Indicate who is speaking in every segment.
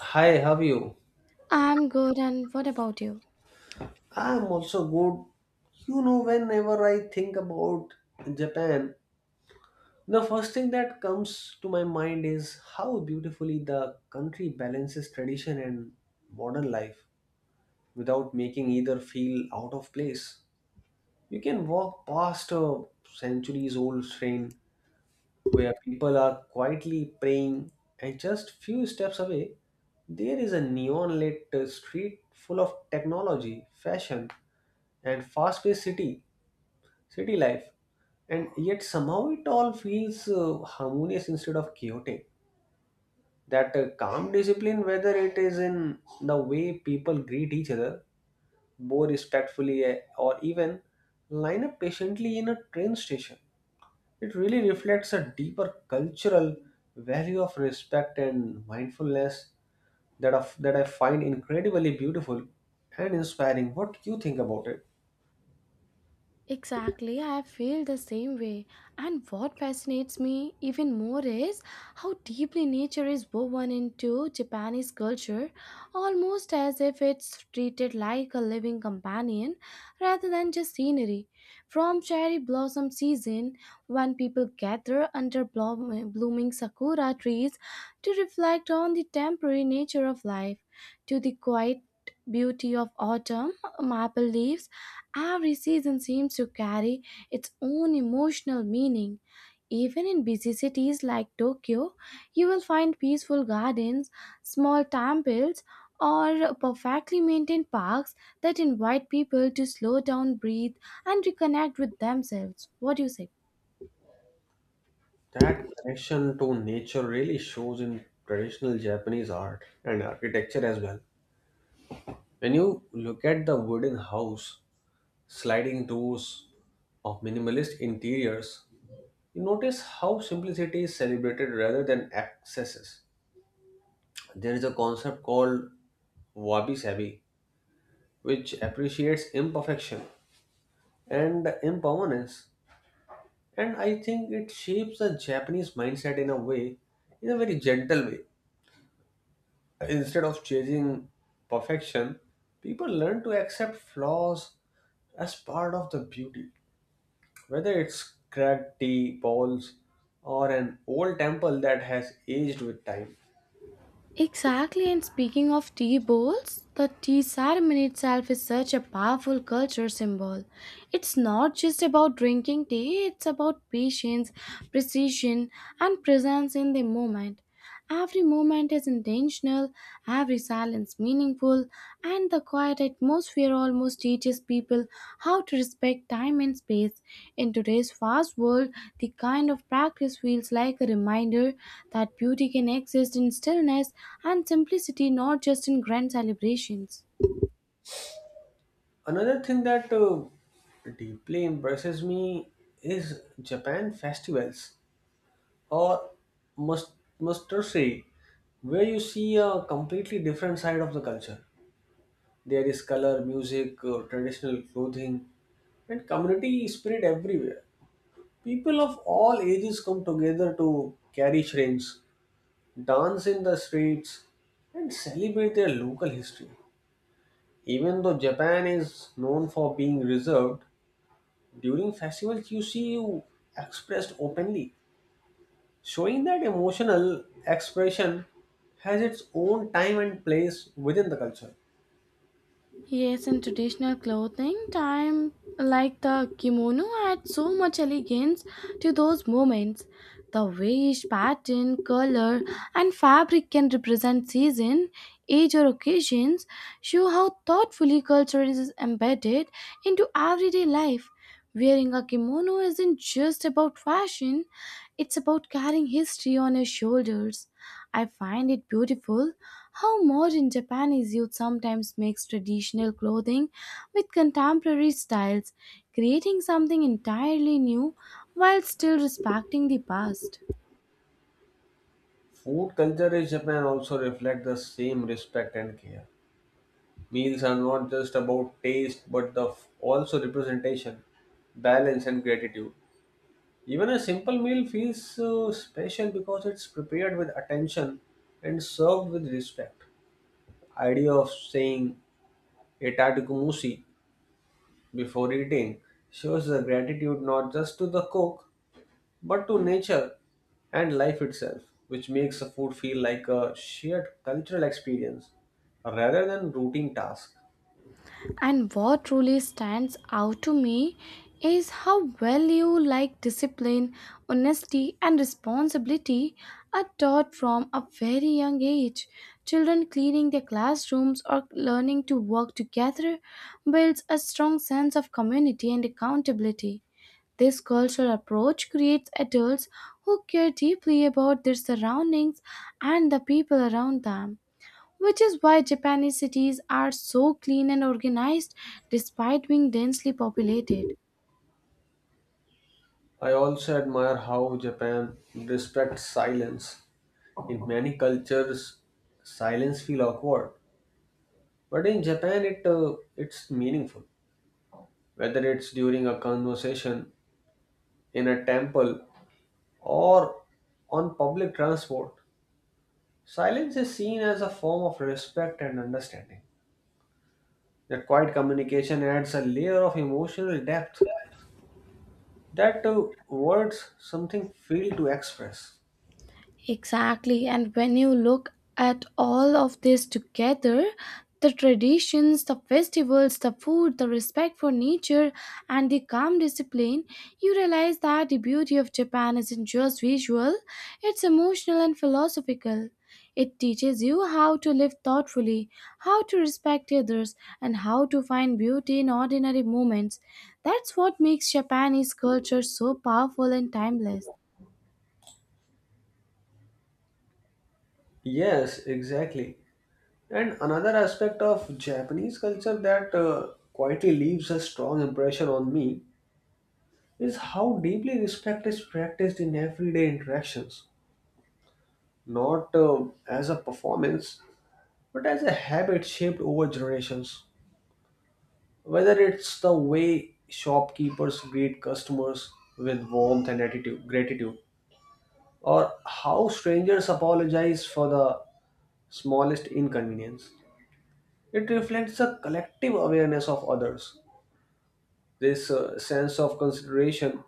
Speaker 1: Hi, how are you?
Speaker 2: I'm good, and what about you?
Speaker 1: I'm also good. You know, whenever I think about Japan, the first thing that comes to my mind is how beautifully the country balances tradition and modern life without making either feel out of place. You can walk past a centuries old train where people are quietly praying, and just few steps away, there is a neon lit street full of technology, fashion, and fast paced city life. And yet, somehow, it all feels harmonious instead of chaotic. That calm discipline, whether it is in the way people greet each other, bow respectfully, or even line up patiently in a train station it really reflects a deeper cultural value of respect and mindfulness that I find incredibly beautiful and inspiring. What do you think about it?
Speaker 2: Exactly, I feel the same way. And what fascinates me even more is how deeply nature is woven into Japanese culture, almost as if it's treated like a living companion rather than just scenery. From cherry blossom season, when people gather under blooming sakura trees to reflect on the temporary nature of life, to the quiet beauty of autumn, maple leaves. Every season seems to carry its own emotional meaning. Even in busy cities like Tokyo, you will find peaceful gardens, small temples, or perfectly maintained parks that invite people to slow down, breathe, and reconnect with themselves. What do you say?
Speaker 1: That connection to nature really shows in traditional Japanese art and architecture as well. When you look at the wooden house, sliding doors, or minimalist interiors, you notice how simplicity is celebrated rather than excesses. There is a concept called wabi sabi, which appreciates imperfection and impermanence. And I think it shapes the Japanese mindset in a very gentle way. Instead of chasing perfection, people learn to accept flaws as part of the beauty. Whether it's cracked tea balls or an old temple that has aged with time.
Speaker 2: Exactly, and speaking of tea bowls, the tea ceremony itself is such a powerful culture symbol. It's not just about drinking tea, it's about patience, precision, and presence in the moment. Every moment is intentional, every silence meaningful, and the quiet atmosphere almost teaches people how to respect time and space. In today's fast world, the kind of practice feels like a reminder that beauty can exist in stillness and simplicity, not just in grand celebrations.
Speaker 1: Another thing that deeply impresses me is Japan festivals or must must say where you see a completely different side of the culture there is color music traditional clothing and community spirit everywhere people of all ages come together to carry shrines, dance in the streets and celebrate their local history even though Japan is known for being reserved during festivals you see you expressed openly showing that emotional expression has its own time and place within the culture.
Speaker 2: Yes, in traditional clothing, time like the kimono adds so much elegance to those moments. The way each pattern, color, and fabric can represent season, age, or occasions show how thoughtfully culture is embedded into everyday life. Wearing a kimono isn't just about fashion, it's about carrying history on your shoulders. I find it beautiful how modern Japanese youth sometimes mix traditional clothing with contemporary styles, creating something entirely new while still respecting the past.
Speaker 1: Food culture in Japan also reflects the same respect and care. Meals are not just about taste but also representation, balance and gratitude. Even a simple meal feels special because it's prepared with attention and served with respect. Idea of saying "Itadakimasu" before eating shows the gratitude not just to the cook but to nature and life itself, which makes a food feel like a shared cultural experience rather than routine task.
Speaker 2: And what truly stands out to me is how well you like discipline, honesty, and responsibility are taught from a very young age. Children cleaning their classrooms or learning to work together builds a strong sense of community and accountability. This cultural approach creates adults who care deeply about their surroundings and the people around them, which is why Japanese cities are so clean and organized despite being densely populated.
Speaker 1: I also admire how Japan respects silence. In many cultures, silence feel awkward, but in Japan, it's meaningful. Whether it's during a conversation in a temple or on public transport, silence is seen as a form of respect and understanding. That quiet communication adds a layer of emotional depth that words something fail to express.
Speaker 2: Exactly. And when you look at all of this together, the traditions, the festivals, the food, the respect for nature, and the calm discipline, you realize that the beauty of Japan isn't just visual, it's emotional and philosophical. It teaches you how to live thoughtfully, how to respect others, and how to find beauty in ordinary moments. That's what makes Japanese culture so powerful and timeless.
Speaker 1: Yes, exactly. And another aspect of Japanese culture that quietly leaves a strong impression on me is how deeply respect is practiced in everyday interactions, not as a performance, but as a habit shaped over generations. Whether it's the way shopkeepers greet customers with warmth and attitude, gratitude, or how strangers apologize for the smallest inconvenience. It reflects a collective awareness of others. This sense of consideration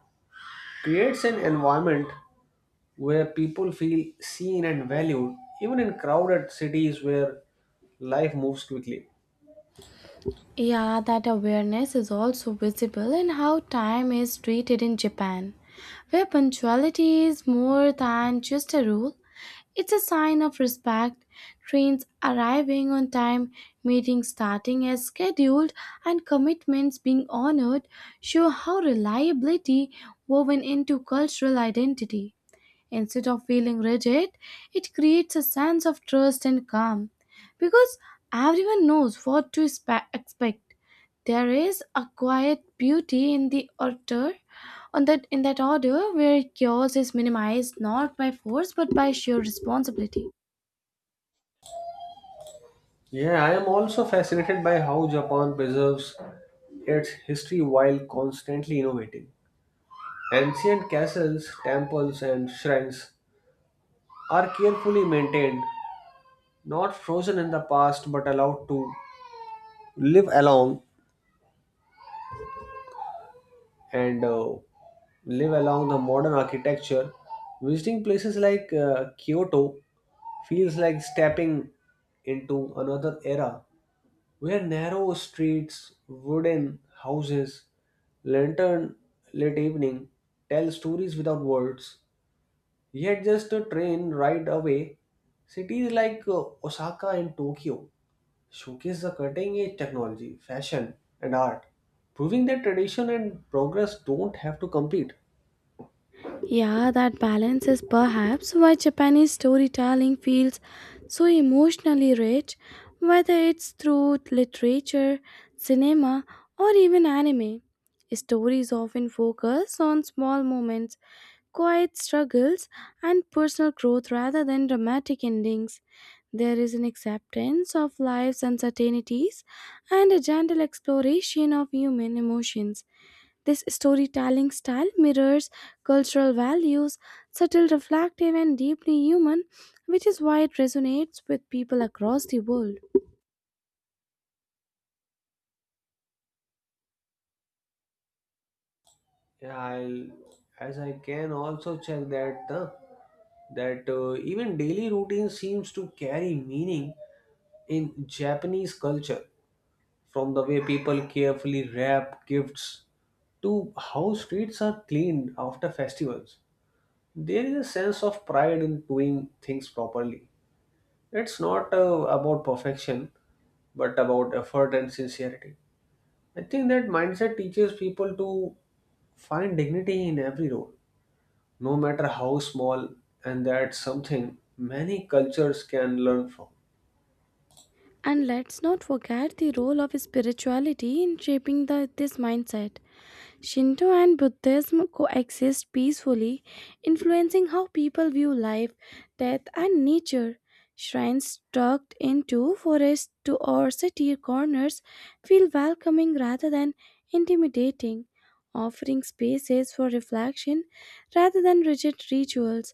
Speaker 1: creates an environment where people feel seen and valued, even in crowded cities where life moves quickly.
Speaker 2: Yeah, that awareness is also visible in how time is treated in Japan, where punctuality is more than just a rule, it's a sign of respect. Trains arriving on time, meetings starting as scheduled, and commitments being honored show how reliability woven into cultural identity. Instead of feeling rigid, it creates a sense of trust and calm because everyone knows what to expect. There is a quiet beauty in the order, on that in that order where chaos is minimized not by force but by sheer responsibility.
Speaker 1: Yeah, I am also fascinated by how Japan preserves its history while constantly innovating. Ancient castles, temples, and shrines are carefully maintained not frozen in the past but allowed to live along and uh, live along the modern architecture visiting places like Kyoto feels like stepping into another era where narrow streets wooden houses lantern late evening tell stories without words yet just a train ride away cities like Osaka and Tokyo showcase the cutting edge technology, fashion, and art, proving that tradition and progress don't have to compete.
Speaker 2: Yeah, that balance is perhaps why Japanese storytelling feels so emotionally rich, whether it's through literature, cinema, or even anime. Stories often focus on small moments, quiet struggles, and personal growth rather than dramatic endings. There is an acceptance of life's uncertainties and a gentle exploration of human emotions. This storytelling style mirrors cultural values, subtle, reflective, and deeply human, which is why it resonates with people across the world.
Speaker 1: Yeah, as I can also check that even daily routine seems to carry meaning in Japanese culture, from the way people carefully wrap gifts to how streets are cleaned after festivals. There is a sense of pride in doing things properly. It's not about perfection, but about effort and sincerity. I think that mindset teaches people to find dignity in every role, no matter how small, and that's something many cultures can learn from.
Speaker 2: And let's not forget the role of spirituality in shaping this mindset. Shinto and Buddhism coexist peacefully, influencing how people view life, death, and nature. Shrines tucked into forests to or city corners feel welcoming rather than intimidating, offering spaces for reflection rather than rigid rituals.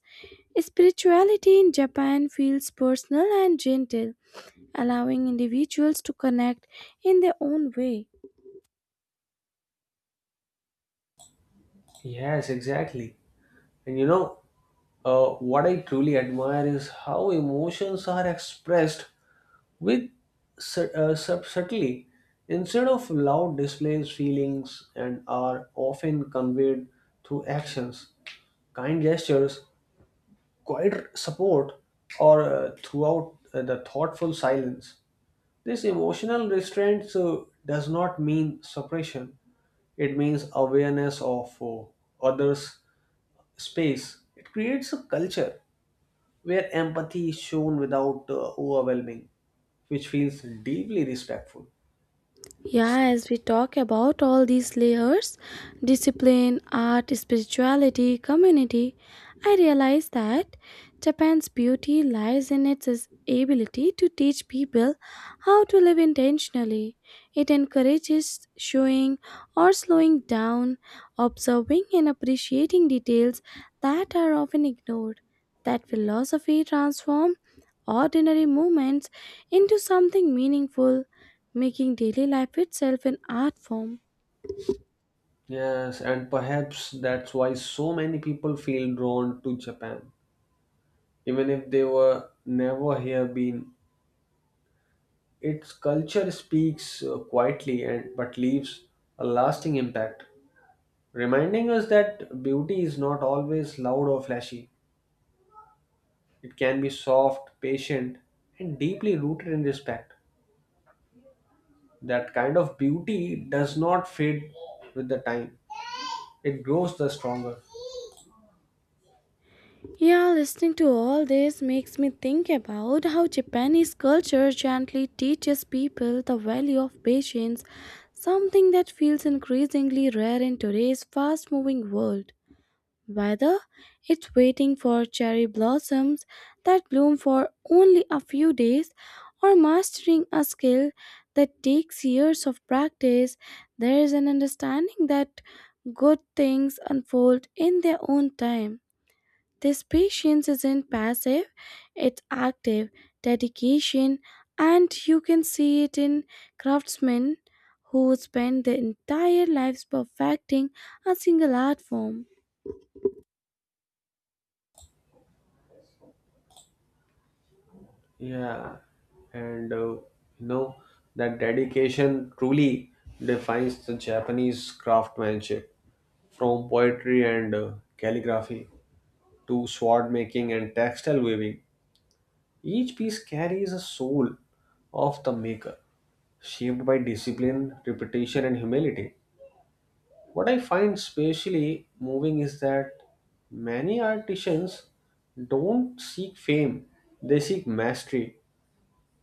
Speaker 2: Spirituality in Japan feels personal and gentle, allowing individuals to connect in their own way.
Speaker 1: Yes, exactly. And you know, what I truly admire is how emotions are expressed with subtlety instead of loud displays feelings and are often conveyed through actions kind gestures quiet support or throughout the thoughtful silence. This emotional restraint does not mean suppression. It means awareness of others' space. It creates a culture where empathy is shown without overwhelming, which feels deeply respectful.
Speaker 2: Yeah, as we talk about all these layers, discipline, art, spirituality, community, I realize that Japan's beauty lies in its is- ability to teach people how to live intentionally. It encourages showing or slowing down, observing and appreciating details that are often ignored. That philosophy transforms ordinary moments into something meaningful, making daily life itself an art form.
Speaker 1: Yes, and perhaps that's why so many people feel drawn to Japan, even if they were never here been Its culture speaks quietly and but leaves a lasting impact, reminding us that beauty is not always loud or flashy. It can be soft, patient, and deeply rooted in respect. That kind of beauty does not fade with the time. It grows the stronger.
Speaker 2: Yeah, listening to all this makes me think about how Japanese culture gently teaches people the value of patience, something that feels increasingly rare in today's fast moving world. Whether it's waiting for cherry blossoms that bloom for only a few days or mastering a skill that takes years of practice, there is an understanding that good things unfold in their own time. This patience isn't passive, it's active dedication, and you can see it in craftsmen who spend their entire lives perfecting a single art form.
Speaker 1: Yeah, and know that dedication truly defines the Japanese craftsmanship from poetry and calligraphy to sword making and textile weaving, each piece carries a soul of the maker, shaped by discipline, repetition, and humility. What I find especially moving is that many artisans don't seek fame, they seek mastery.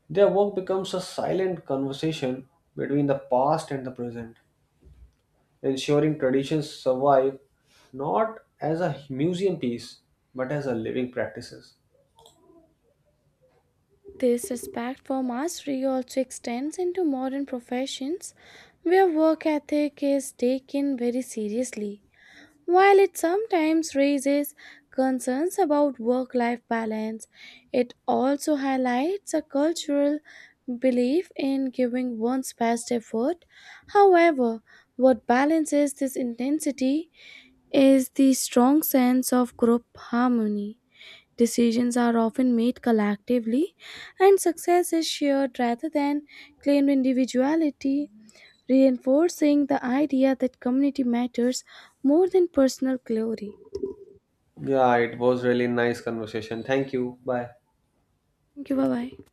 Speaker 1: Their work becomes a silent conversation between the past and the present, ensuring traditions survive not as a museum piece but as a living practices.
Speaker 2: This respect for mastery also extends into modern professions where work ethic is taken very seriously. While it sometimes raises concerns about work life balance, it also highlights a cultural belief in giving one's best effort. However, what balances this intensity is the strong sense of group harmony. Decisions are often made collectively, and success is shared rather than claimed individuality, reinforcing the idea that community matters more than personal glory.
Speaker 1: Yeah, it was really nice conversation. Thank you. Bye.
Speaker 2: Thank you. Bye bye.